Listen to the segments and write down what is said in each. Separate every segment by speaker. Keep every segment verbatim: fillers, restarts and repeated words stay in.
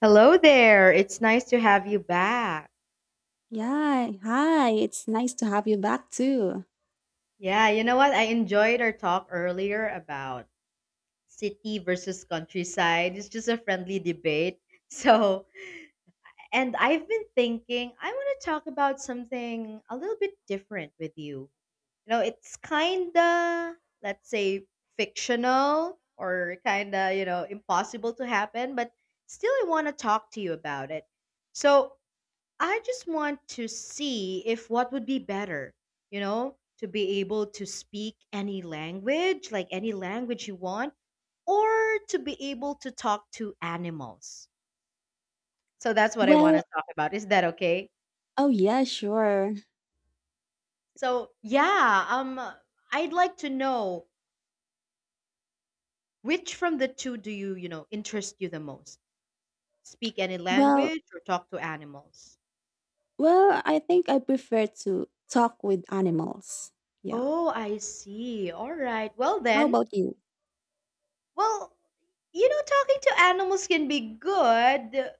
Speaker 1: Hello there. It's nice to have you back.
Speaker 2: Yeah, hi. It's nice to have you back too.
Speaker 1: Yeah, you know what? I enjoyed our talk earlier about city versus countryside. It's just a friendly debate. So, and I've been thinking I want to talk about something a little bit different with you. You know, it's kind of, let's say, fictional or kind of, you know, impossible to happen, but still I want to talk to you about it. So, I just want to see if what would be better, you know, to be able to speak any language, like any language you want, or to be able to talk to animals. So that's what I want to
Speaker 2: Well,
Speaker 1: talk about. Is that okay?
Speaker 2: oh yeah, sure.
Speaker 1: So, yeah, um I'd like to know which from the two do you, you know, interest you the most? Speak any
Speaker 2: Well,
Speaker 1: language or talk to animals?
Speaker 2: well, I think I prefer to talk with animals. Yeah.
Speaker 1: Oh, I see. All right. Well,
Speaker 2: How
Speaker 1: then,
Speaker 2: about you?
Speaker 1: Well, you know, talking to animals can be good uh,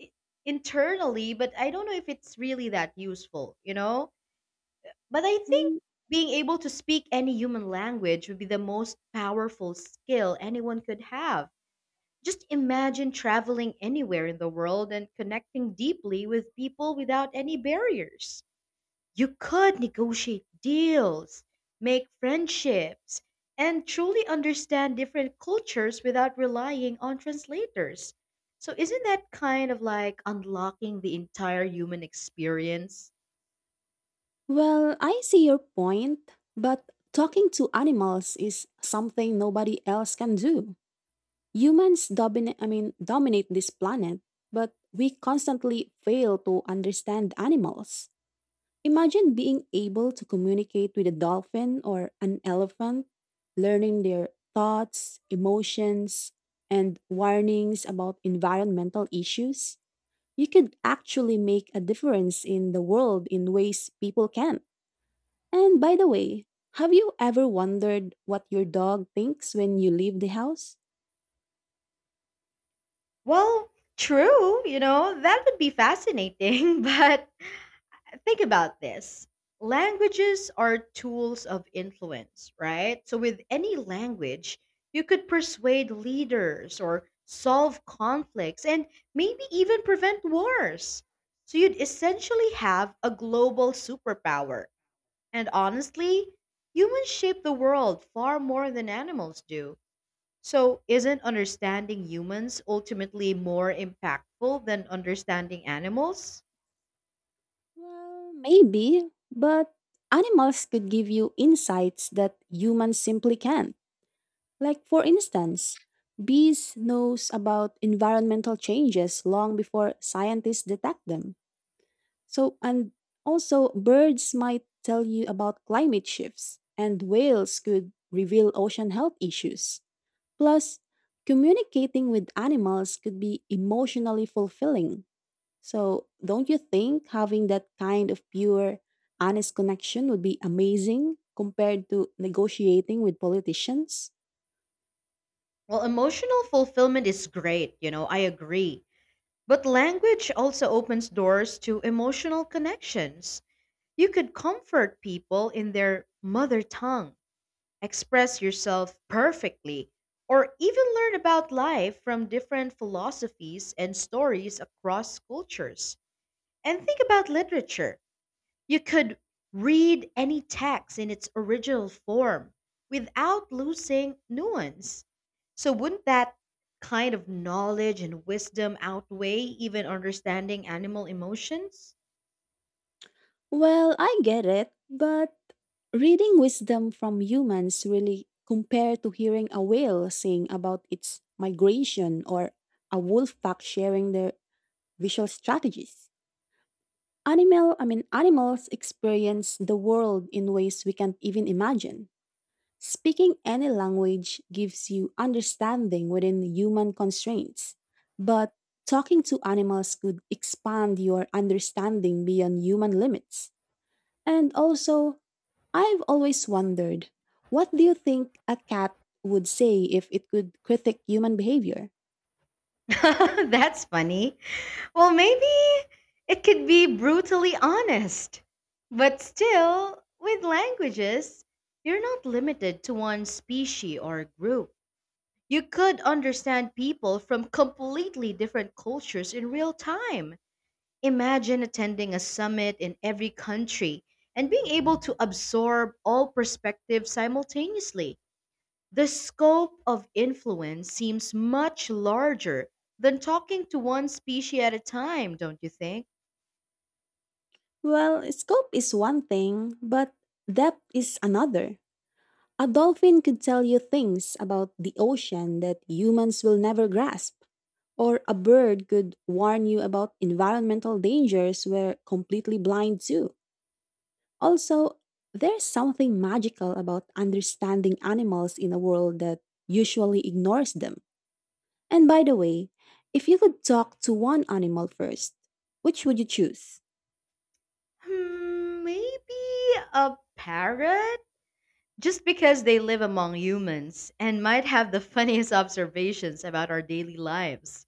Speaker 1: i- internally, but I don't know if it's really that useful, you know? But I think
Speaker 2: Mm,
Speaker 1: being able to speak any human language would be the most powerful skill anyone could have. Just imagine traveling anywhere in the world and connecting deeply with people without any barriers. You could negotiate deals, make friendships, and truly understand different cultures without relying on translators. So, isn't that kind of like unlocking the entire human experience?
Speaker 2: Well, I see your point, but talking to animals is something nobody else can do. Humans dominate, I mean, dominate this planet, but we constantly fail to understand animals. Imagine being able to communicate with a dolphin or an elephant, learning their thoughts, emotions, and warnings about environmental issues. You could actually make a difference in the world in ways people can't. And by the way, have you ever wondered what your dog thinks when you leave the house?
Speaker 1: Well, true, you know, that would be fascinating, but think about this. Languages are tools of influence, right? So, with any language, you could persuade leaders or solve conflicts and maybe even prevent wars. So, you'd essentially have a global superpower. And honestly, humans shape the world far more than animals do. So, isn't understanding humans ultimately more impactful than understanding animals?
Speaker 2: Well, maybe, but animals could give you insights that humans simply can't. Like for instance, bees knows about environmental changes long before scientists detect them. So and also birds might tell you about climate shifts and whales could reveal ocean health issues. Plus, communicating with animals could be emotionally fulfilling. So, don't you think having that kind of pure, honest connection would be amazing compared to negotiating with politicians?
Speaker 1: Well, emotional fulfillment is great, you know, I agree. But language also opens doors to emotional connections. You could comfort people in their mother tongue, express yourself perfectly, or even learn about life from different philosophies and stories across cultures. And think about literature. You could read any text in its original form without losing nuance. So, wouldn't that kind of knowledge and wisdom outweigh even understanding animal emotions?
Speaker 2: Well, I get it, but reading wisdom from humans really compared to hearing a whale sing about its migration or a wolf pack sharing their visual strategies. Animal, I mean animals experience the world in ways we can't even imagine. Speaking any language gives you understanding within human constraints, but talking to animals could expand your understanding beyond human limits. And also, I've always wondered, what do you think a cat would say if it could critique human behavior?
Speaker 1: That's funny. Well, maybe it could be brutally honest. But still, with languages, you're not limited to one species or group. You could understand people from completely different cultures in real time. Imagine attending a summit in every country and being able to absorb all perspectives simultaneously. The scope of influence seems much larger than talking to one species at a time, don't you think?
Speaker 2: Well, scope is one thing, but depth is another. A dolphin could tell you things about the ocean that humans will never grasp, or a bird could warn you about environmental dangers we're completely blind to. Also, there's something magical about understanding animals in a world that usually ignores them. And by the way, if you could talk to one animal first, which would you choose?
Speaker 1: Hmm, maybe a parrot? Just because they live among humans and might have the funniest observations about our daily lives.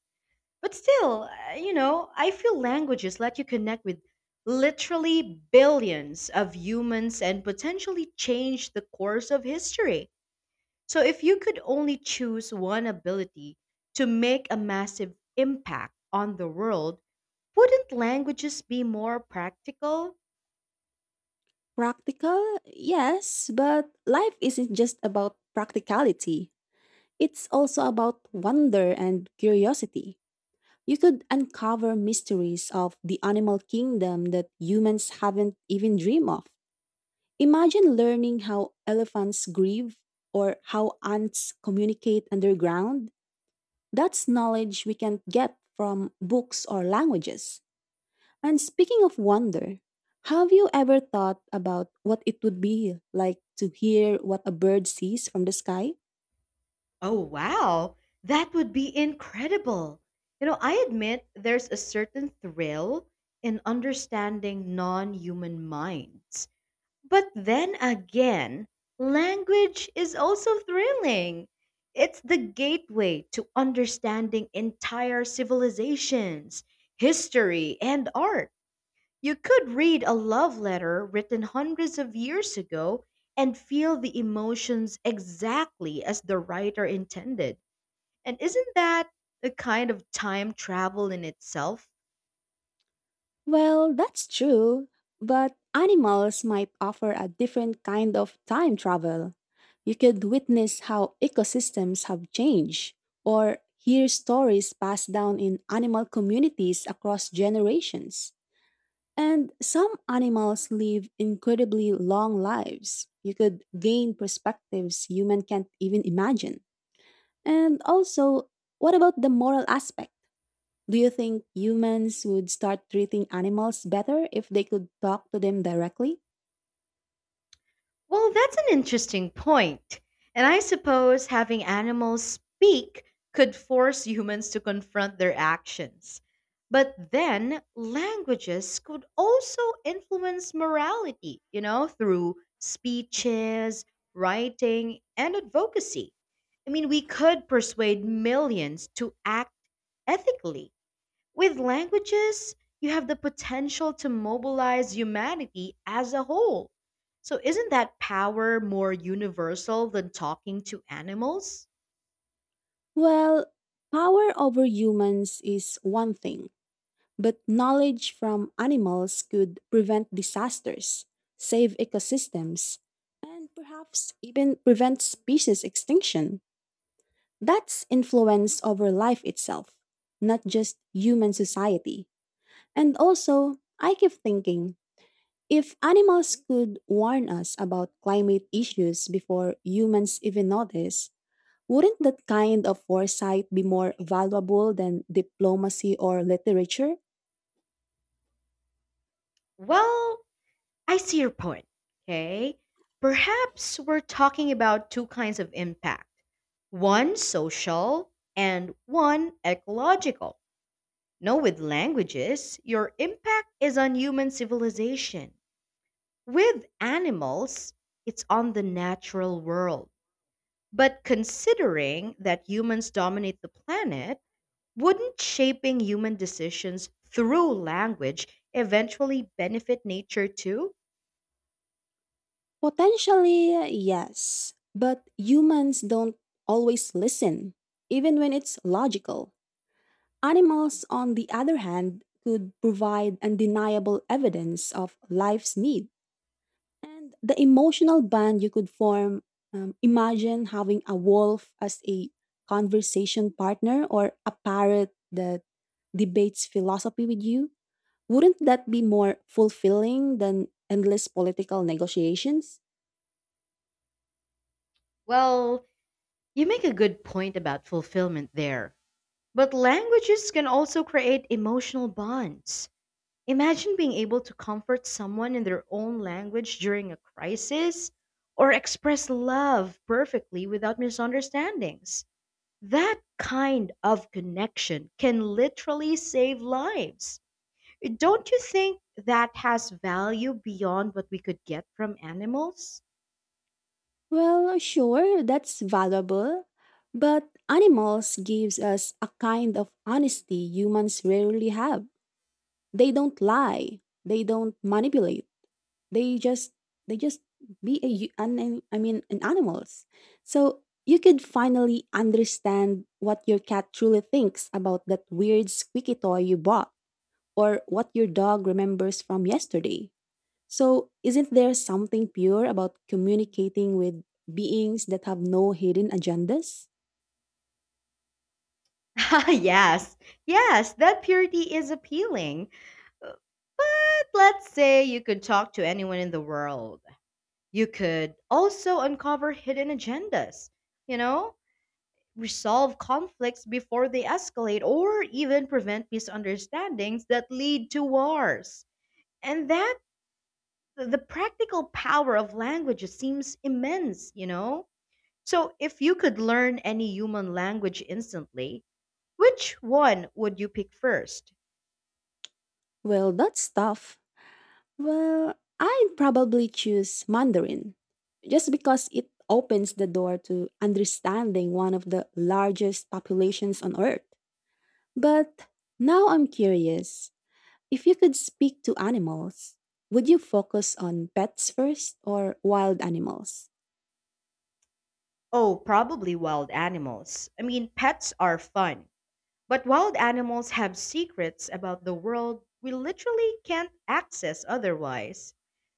Speaker 1: But still, uh, you know, I feel languages let you connect with literally billions of humans and potentially change the course of history. So if you could only choose one ability to make a massive impact on the world, wouldn't languages be more practical?
Speaker 2: Practical? Yes, but life isn't just about practicality. It's also about wonder and curiosity. You could uncover mysteries of the animal kingdom that humans haven't even dreamed of. Imagine learning how elephants grieve or how ants communicate underground. That's knowledge we can't get from books or languages. And speaking of wonder, have you ever thought about what it would be like to hear what a bird sees from the sky?
Speaker 1: Oh, wow. That would be incredible. You know, I admit there's a certain thrill in understanding non human minds. But then again, language is also thrilling. It's the gateway to understanding entire civilizations, history, and art. You could read a love letter written hundreds of years ago and feel the emotions exactly as the writer intended. And isn't that a kind of time travel in itself?
Speaker 2: Well, that's true, but animals might offer a different kind of time travel. You could witness how ecosystems have changed, or hear stories passed down in animal communities across generations. And some animals live incredibly long lives. You could gain perspectives human can't even imagine. And also, what about the moral aspect? Do you think humans would start treating animals better if they could talk to them directly?
Speaker 1: Well, that's an interesting point. And I suppose having animals speak could force humans to confront their actions. But then languages could also influence morality, you know, through speeches, writing, and advocacy. I mean, we could persuade millions to act ethically with languages, you have the potential to mobilize humanity as a whole. So, isn't that power more universal than talking to animals?
Speaker 2: Well, power over humans is one thing, but knowledge from animals could prevent disasters, save ecosystems, and perhaps even prevent species extinction. That's influence over life itself, not just human society. And also, I keep thinking if animals could warn us about climate issues before humans even notice, wouldn't that kind of foresight be more valuable than diplomacy or literature?
Speaker 1: Well, I see your point. Okay. Perhaps we're talking about two kinds of impact one social and one ecological. No, with languages, your impact is on human civilization. With animals, it's on the natural world. But considering that humans dominate the planet, wouldn't shaping human decisions through language eventually benefit nature too?
Speaker 2: Potentially, yes. But humans don't always listen, even when it's logical. Animals, on the other hand, could provide undeniable evidence of life's need. And the emotional bond you could form um, imagine having a wolf as a conversation partner or a parrot that debates philosophy with you. Wouldn't that be more fulfilling than endless political negotiations?
Speaker 1: Well, you make a good point about fulfillment there. But languages can also create emotional bonds. Imagine being able to comfort someone in their own language during a crisis or express love perfectly without misunderstandings. That kind of connection can literally save lives. Don't you think that has value beyond what we could get from animals?
Speaker 2: Well, sure, that's valuable, but animals gives us a kind of honesty humans rarely have. They don't lie, they don't manipulate, they just they just be a hu- an, an- I mean an animals. So you could finally understand what your cat truly thinks about that weird squeaky toy you bought or what your dog remembers from yesterday. So isn't there something pure about communicating with beings that have no hidden agendas?
Speaker 1: yes, yes, that purity is appealing. But let's say you could talk to anyone in the world. You could also uncover hidden agendas, you know, resolve conflicts before they escalate, or even prevent misunderstandings that lead to wars. And that the the practical power of languages seems immense, you know? So, if you could learn any human language instantly, which one would you pick first?
Speaker 2: Well that's tough Well, I'd probably choose Mandarin just because it opens the door to understanding one of the largest populations on Earth. But now I'm curious, if you could speak to animals, would you focus on pets first or wild animals?
Speaker 1: Oh, probably wild animals. I mean, pets are fun, but wild animals have secrets about the world we literally can't access otherwise.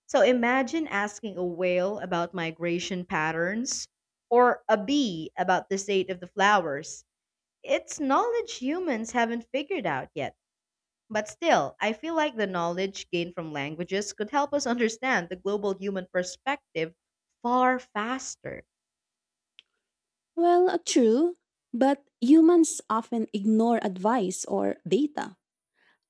Speaker 1: So, imagine asking a whale about migration patterns or a bee about the state of the flowers. It's knowledge humans haven't figured out yet. But still, I feel like the knowledge gained from languages could help us understand the global human perspective far faster.
Speaker 2: Well, uh, true, but humans often ignore advice or data.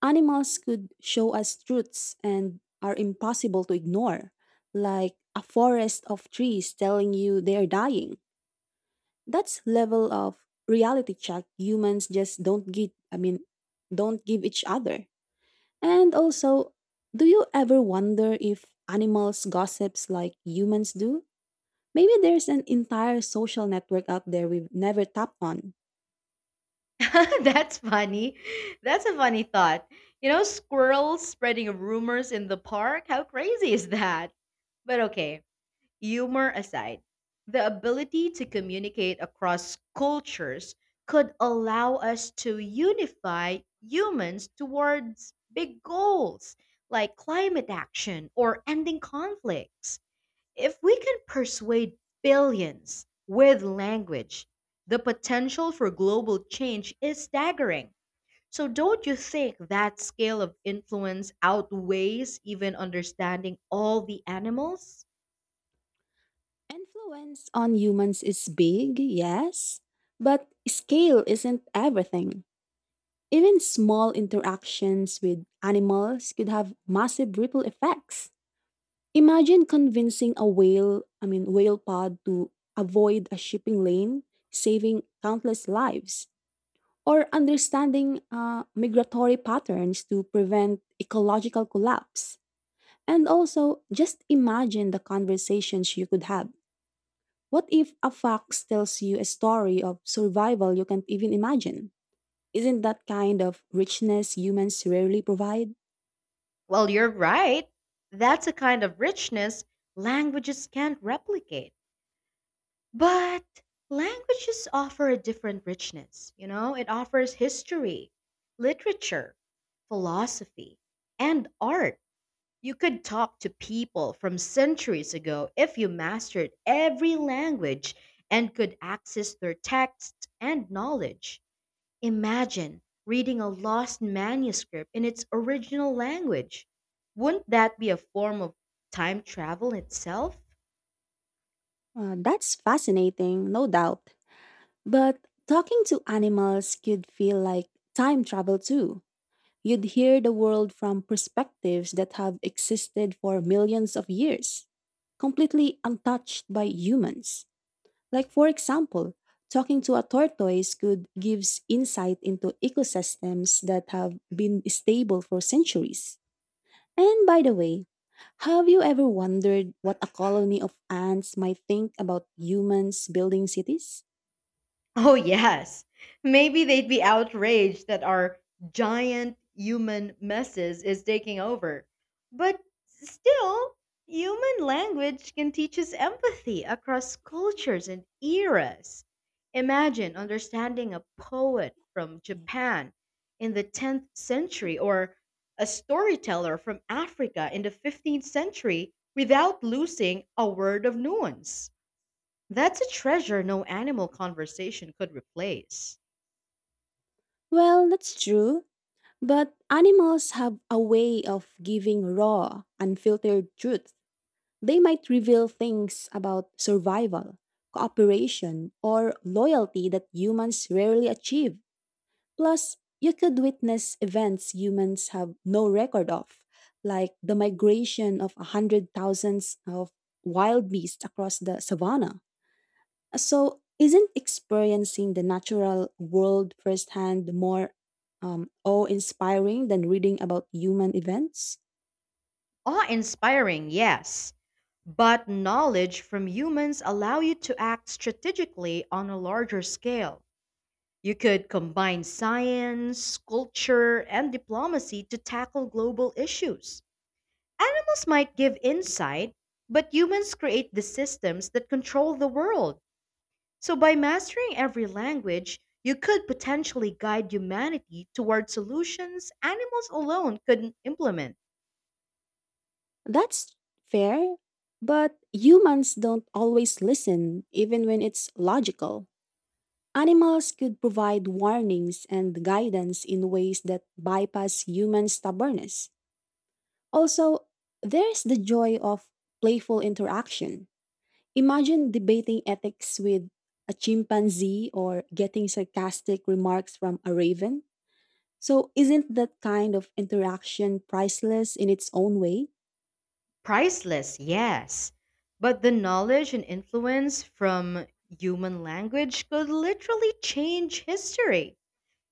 Speaker 2: Animals could show us truths and are impossible to ignore, like a forest of trees telling you they are dying. That's level of reality check humans just don't get, I mean don't give each other. And also, do you ever wonder if animals gossips like humans do? Maybe there's an entire social network out there we've never tapped on.
Speaker 1: That's funny. That's a funny thought. You know, squirrels spreading rumors in the park? How crazy is that? But okay, Humor aside, the ability to communicate across cultures could allow us to unify humans towards big goals like climate action or ending conflicts. If we can persuade billions with language, the potential for global change is staggering. So, don't you think that scale of influence outweighs even understanding all the animals?
Speaker 2: Influence on humans is big, yes, but scale isn't everything. Even small interactions with animals could have massive ripple effects. Imagine convincing a whale, I mean, whale pod to avoid a shipping lane, saving countless lives, or understanding uh, migratory patterns to prevent ecological collapse. And also, just imagine the conversations you could have. What if a fox tells you a story of survival you can't even imagine? Isn't that kind of richness humans rarely provide?
Speaker 1: Well, you're right. That's a kind of richness languages can't replicate. But languages offer a different richness. You know, it offers history, literature, philosophy, and art. You could talk to people from centuries ago if you mastered every language and could access their texts and knowledge. Imagine reading a lost manuscript in its original language. Wouldn't that be a form of time travel itself?
Speaker 2: Uh, that's fascinating, no doubt. But talking to animals could feel like time travel too. You'd hear the world from perspectives that have existed for millions of years, completely untouched by humans. Like, for example, talking to a tortoise could gives insight into ecosystems that have been stable for centuries. And by the way, have you ever wondered what a colony of ants might think about humans building cities?
Speaker 1: Oh, yes. Maybe they'd be outraged that our giant human messes is taking over. But still, human language can teach us empathy across cultures and eras. Imagine understanding a poet from Japan in the tenth century or a storyteller from Africa in the fifteenth century without losing a word of nuance. That's a treasure no animal conversation could replace.
Speaker 2: Well, that's true, but animals have a way of giving raw, unfiltered truth. They might reveal things about survival, cooperation, or loyalty that humans rarely achieve. Plus, you could witness events humans have no record of, like the migration of a hundred thousands of wild beasts across the savannah. So, isn't experiencing the natural world firsthand more um, awe-inspiring than reading about human events?
Speaker 1: Awe-inspiring, yes, but knowledge from humans allow you to act strategically on a larger scale. You could combine science, culture, and diplomacy to tackle global issues. Animals might give insight, but humans create the systems that control the world. So, by mastering every language, you could potentially guide humanity toward solutions animals alone couldn't implement.
Speaker 2: That's fair, but humans don't always listen, even when it's logical. Animals could provide warnings and guidance in ways that bypass human stubbornness. Also, there's the joy of playful interaction. Imagine debating ethics with a chimpanzee or getting sarcastic remarks from a raven. So, isn't that kind of interaction priceless in its own way?
Speaker 1: Priceless, yes. But the knowledge and influence from human language could literally change history.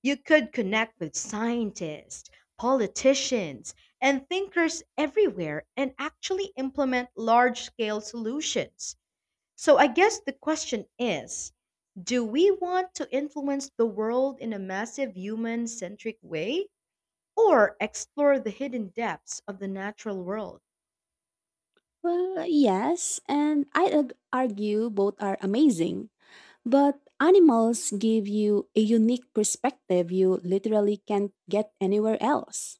Speaker 1: You could connect with scientists, politicians, and thinkers everywhere and actually implement large scale solutions. So I guess the question is do we want to influence the world in a massive human centric way or explore the hidden depths of the natural world?
Speaker 2: Well, yes, and I'd ag- argue both are amazing. But animals give you a unique perspective you literally can't get anywhere else.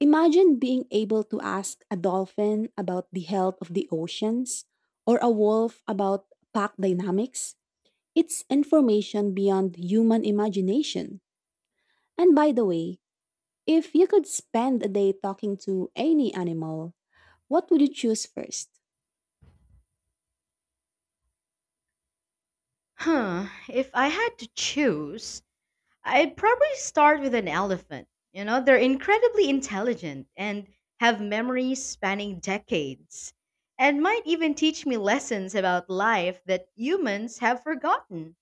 Speaker 2: Imagine being able to ask a dolphin about the health of the oceans or a wolf about pack dynamics. It's information beyond human imagination. And by the way, if you could spend a day talking to any animal, what would you choose first?
Speaker 1: Huh, if I had to choose, I'd probably start with an elephant. You know, they're incredibly intelligent and have memories spanning decades and might even teach me lessons about life that humans have forgotten.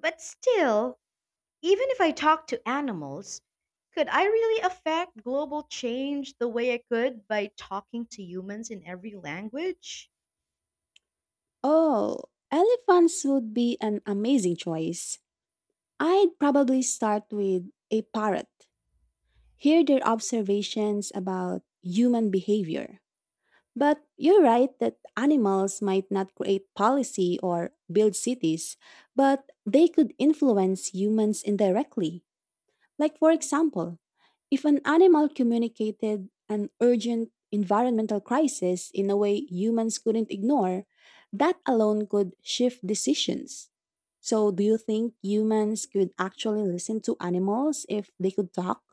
Speaker 1: But still, Even if I talk to animals, could I really affect global change the way I could by talking to humans in every language?
Speaker 2: Oh, elephants would be an amazing choice. I'd probably start with a parrot. Hear their observations about human behavior. But you're right that animals might not create policy or build cities, but they could influence humans indirectly. Like, for example, if an animal communicated an urgent environmental crisis in a way humans couldn't ignore, that alone could shift decisions. So, do you think humans could actually listen to animals if they could talk?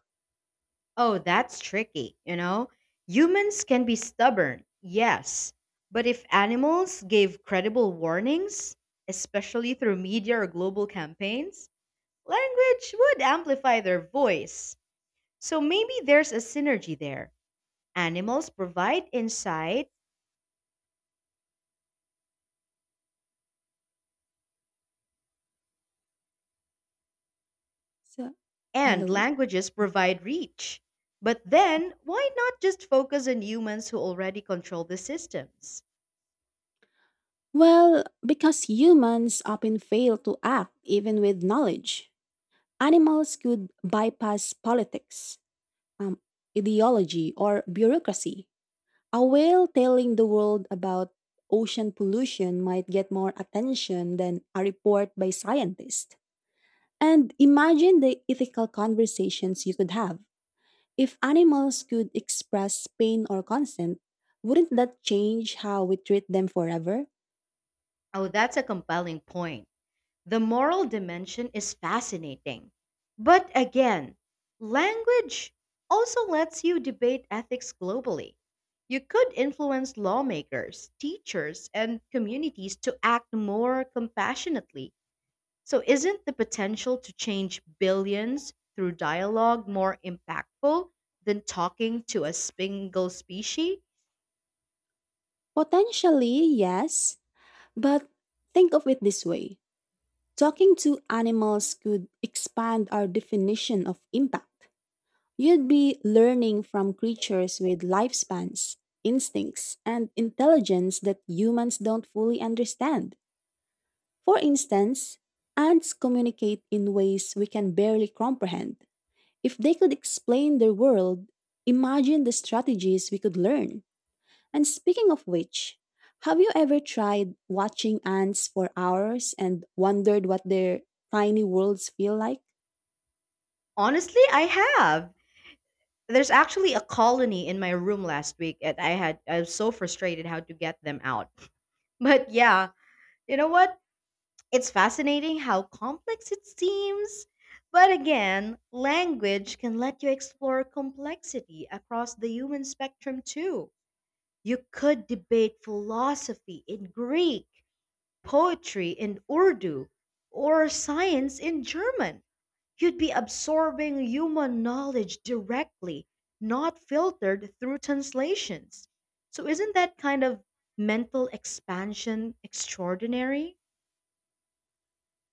Speaker 1: Oh, that's tricky, you know? Humans can be stubborn, yes. But if animals gave credible warnings, especially through media or global campaigns, language would amplify their voice. So maybe there's a synergy there. Animals provide insight.
Speaker 2: So,
Speaker 1: And
Speaker 2: hello?
Speaker 1: languages provide reach. But then, why not just focus on humans who already control the systems?
Speaker 2: Well, because humans often fail to act even with knowledge, animals could bypass politics, um, ideology, or bureaucracy. A whale telling the world about ocean pollution might get more attention than a report by scientists. And imagine the ethical conversations you could have. If animals could express pain or consent, wouldn't that change how we treat them forever?
Speaker 1: Oh, that's a compelling point. The moral dimension is fascinating. But again, language also lets you debate ethics globally. You could influence lawmakers, teachers, and communities to act more compassionately. So, isn't the potential to change billions through dialogue more impactful than talking to a single species?
Speaker 2: Potentially, yes. But think of it this way, talking to animals could expand our definition of impact. You'd be learning from creatures with lifespans, instincts, and intelligence that humans don't fully understand. For instance, ants communicate in ways we can barely comprehend. If they could explain their world, imagine the strategies we could learn. And speaking of which, have you ever tried watching ants for hours and wondered what their tiny worlds feel like?
Speaker 1: Honestly, I have. There's actually a colony in my room last week, and I had I was so frustrated how to get them out. But yeah, you know what? It's fascinating how complex it seems. But again, language can let you explore complexity across the human spectrum too. You could debate philosophy in Greek, poetry in Urdu, or science in German. You'd be absorbing human knowledge directly, not filtered through translations. So, isn't that kind of mental expansion extraordinary?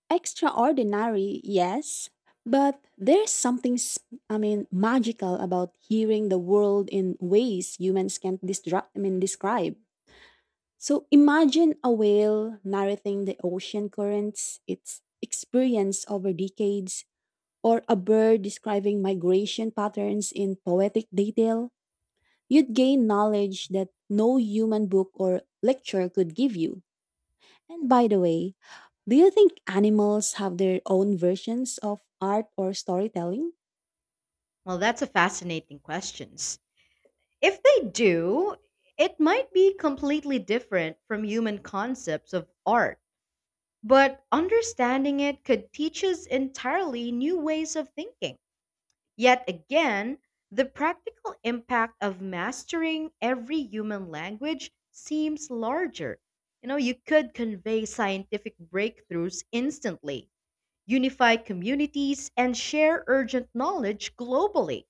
Speaker 2: Extraordinary, yes, but there's something, s- I mean, magical about hearing the world in ways humans can't distra- I mean, describe. So imagine a whale narrating the ocean currents, its experience over decades, or a bird describing migration patterns in poetic detail. You'd gain knowledge that no human book or lecture could give you. And by the way, do you think animals have their own versions of art or storytelling?
Speaker 1: Well, that's a fascinating question. If they do, it might be completely different from human concepts of art. But understanding it could teach us entirely new ways of thinking. Yet again, the practical impact of mastering every human language seems larger. You know, you could convey scientific breakthroughs instantly, unify communities, and share urgent knowledge globally.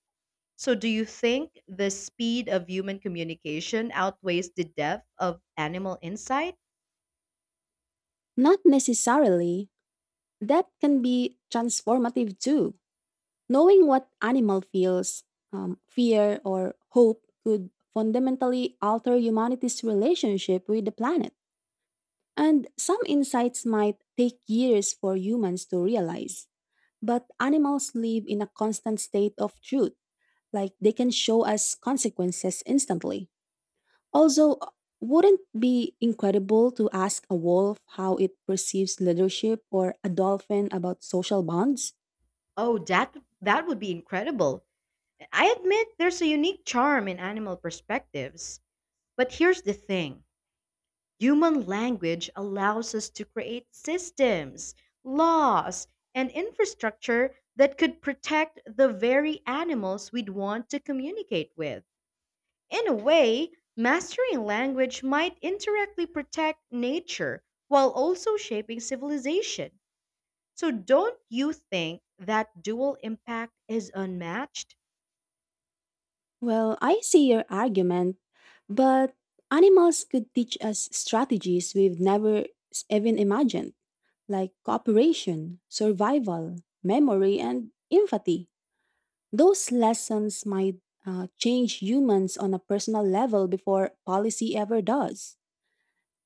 Speaker 1: So, do you think the speed of human communication outweighs the depth of animal insight?
Speaker 2: Not necessarily. That can be transformative too. Knowing what animal feels, um, fear, or hope could fundamentally alter humanity's relationship with the planet. And some insights might take years for humans to realize. But animals live in a constant state of truth, like they can show us consequences instantly. Also, uh, wouldn't be incredible to ask a wolf how it perceives leadership or a dolphin about social bonds?
Speaker 1: Oh, that that would be incredible. I admit there's a unique charm in animal perspectives, but here's the thing human language allows us to create systems, laws, and infrastructure that could protect the very animals we'd want to communicate with. In a way, mastering language might indirectly protect nature while also shaping civilization. So, don't you think that dual impact is unmatched?
Speaker 2: Well, I see your argument, but animals could teach us strategies we've never s- even imagined, like cooperation, survival, memory, and empathy. Those lessons might uh, change humans on a personal level before policy ever does.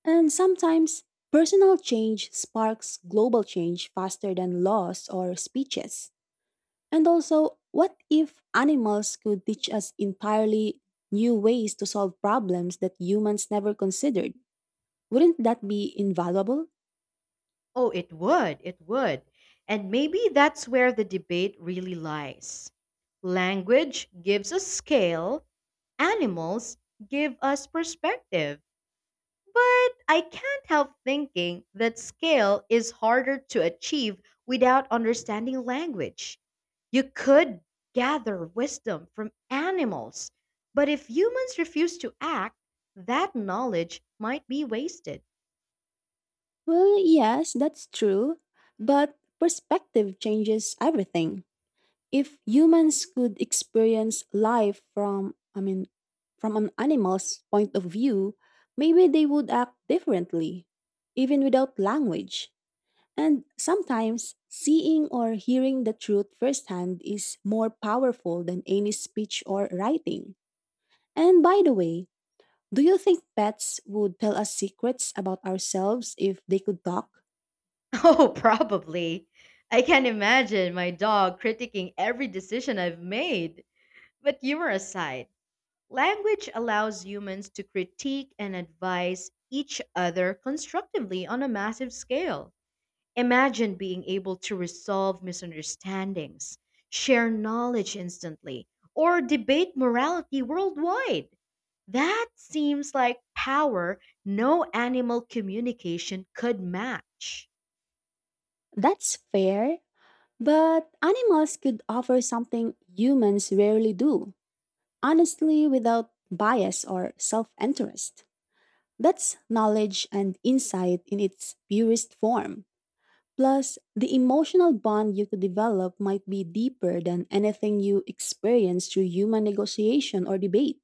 Speaker 2: And sometimes, personal change sparks global change faster than laws or speeches. And also, what if animals could teach us entirely new ways to solve problems that humans never considered? Wouldn't that be invaluable?
Speaker 1: Oh, it would. It would. And maybe that's where the debate really lies. Language gives us scale, animals give us perspective. But I can't help thinking that scale is harder to achieve without understanding language. You could gather wisdom from animals, but if humans refuse to act, that knowledge might be wasted.
Speaker 2: Well, yes, that's true. But perspective changes everything. If humans could experience life from, I mean, from an animal's point of view, maybe they would act differently, even without language. And sometimes seeing or hearing the truth firsthand is more powerful than any speech or writing. And by the way, do you think pets would tell us secrets about ourselves if they could talk?
Speaker 1: Oh, probably. I can imagine my dog critiquing every decision I've made. But humor aside, language allows humans to critique and advise each other constructively on a massive scale. Imagine being able to resolve misunderstandings, share knowledge instantly, or debate morality worldwide. That seems like power no animal communication could match.
Speaker 2: That's fair, but animals could offer something humans rarely do. Honestly without bias or self interest. That's knowledge and insight in its purest form. Plus, the emotional bond you could develop might be deeper than anything you experience through human negotiation or debate.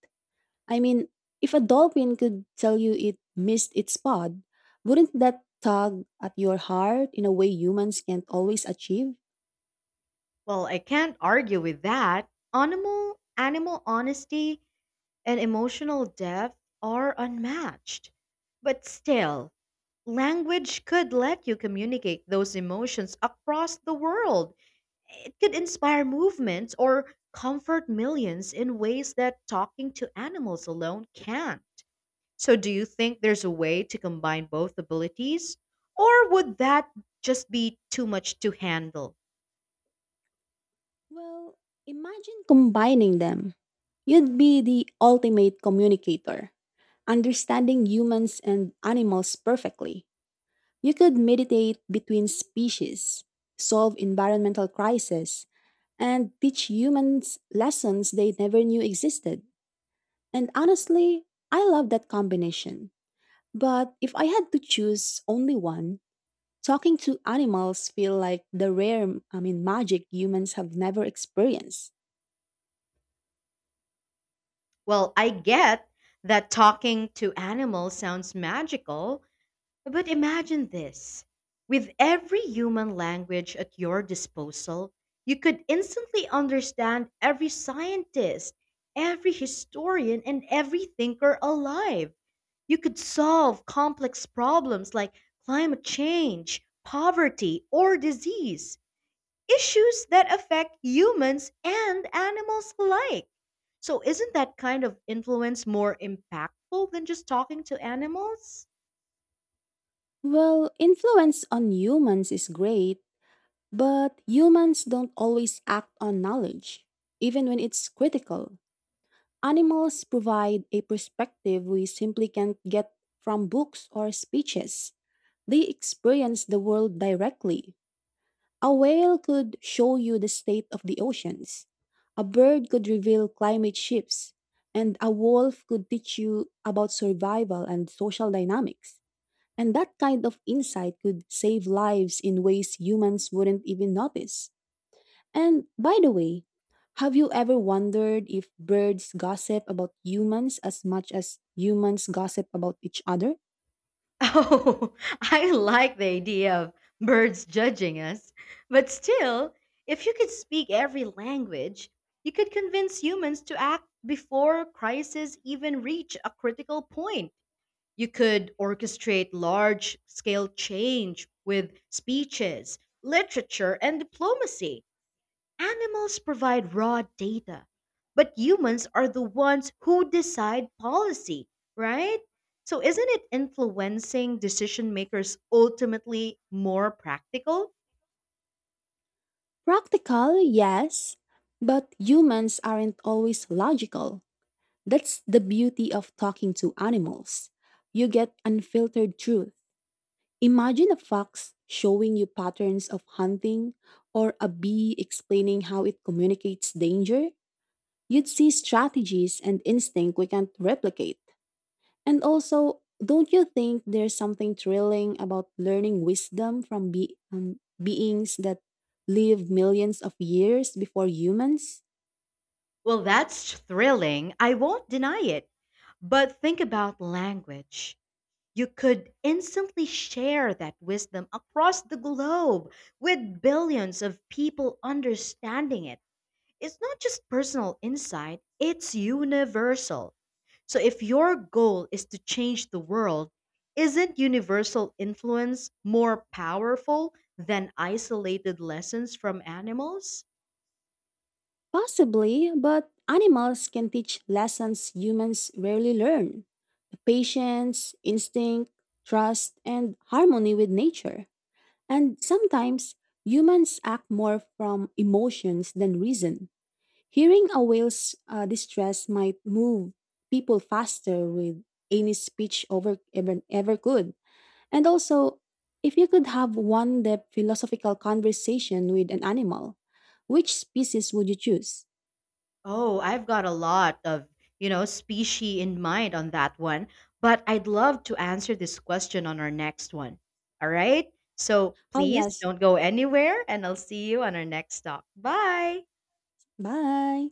Speaker 2: I mean, if a dolphin could tell you it missed its pod, wouldn't that tug at your heart in a way humans can't always achieve?
Speaker 1: Well, I can't argue with that. Animal animal honesty and emotional depth are unmatched. But still, language could let you communicate those emotions across the world. It could inspire movements or comfort millions in ways that talking to animals alone can't. So do you think there's a way to combine both abilities or would that just be too much to handle?
Speaker 2: Well, imagine combining them. You'd be the ultimate communicator, understanding humans and animals perfectly. You could meditate between species, solve environmental crises, and teach humans lessons they never knew existed. And honestly, I love that combination. But if I had to choose only one, talking to animals feel like the rare, I mean, magic humans have never experienced.
Speaker 1: Well, I get that talking to animals sounds magical, but imagine this. With every human language at your disposal, you could instantly understand every scientist, every historian, and every thinker alive. You could solve complex problems like climate change, poverty, or disease issues that affect humans and animals alike. So, isn't that kind of influence more impactful than just talking to animals?
Speaker 2: Well, influence on humans is great, but humans don't always act on knowledge, even when it's critical. Animals provide a perspective we simply can't get from books or speeches. They experience the world directly. A whale could show you the state of the oceans. A bird could reveal climate shifts. And a wolf could teach you about survival and social dynamics. And that kind of insight could save lives in ways humans wouldn't even notice. And by the way, have you ever wondered if birds gossip about humans as much as humans gossip about each other?
Speaker 1: Oh, I like the idea of birds judging us. But still, if you could speak every language, you could convince humans to act before crises even reach a critical point. You could orchestrate large scale change with speeches, literature, and diplomacy. Animals provide raw data, but humans are the ones who decide policy, right? So isn't it influencing decision makers ultimately more practical?
Speaker 2: Practical, yes, but humans aren't always logical. That's the beauty of talking to animals. You get unfiltered truth. Imagine a fox showing you patterns of hunting or a bee explaining how it communicates danger. You'd see strategies and instinct we can't replicate. And also, don't you think there's something thrilling about learning wisdom from be- um, beings that lived millions of years before humans?
Speaker 1: Well, that's thrilling. I won't deny it. But think about language. You could instantly share that wisdom across the globe with billions of people understanding it. It's not just personal insight, it's universal. So if your goal is to change the world, isn't universal influence more powerful than isolated lessons from animals?
Speaker 2: Possibly, but animals can teach lessons humans rarely learn the patience, instinct, trust, and harmony with nature. And sometimes humans act more from emotions than reason. Hearing a whale's uh, distress might move people faster with any speech over ever, ever could. And also, if you could have one depth philosophical conversation with an animal, which species would you choose?
Speaker 1: Oh, I've got a lot of, you know, species in mind on that one, but I'd love to answer this question on our next one. All right? So
Speaker 2: Oh,
Speaker 1: please
Speaker 2: yes.
Speaker 1: don't go anywhere and I'll see you on our next talk. Bye.
Speaker 2: Bye.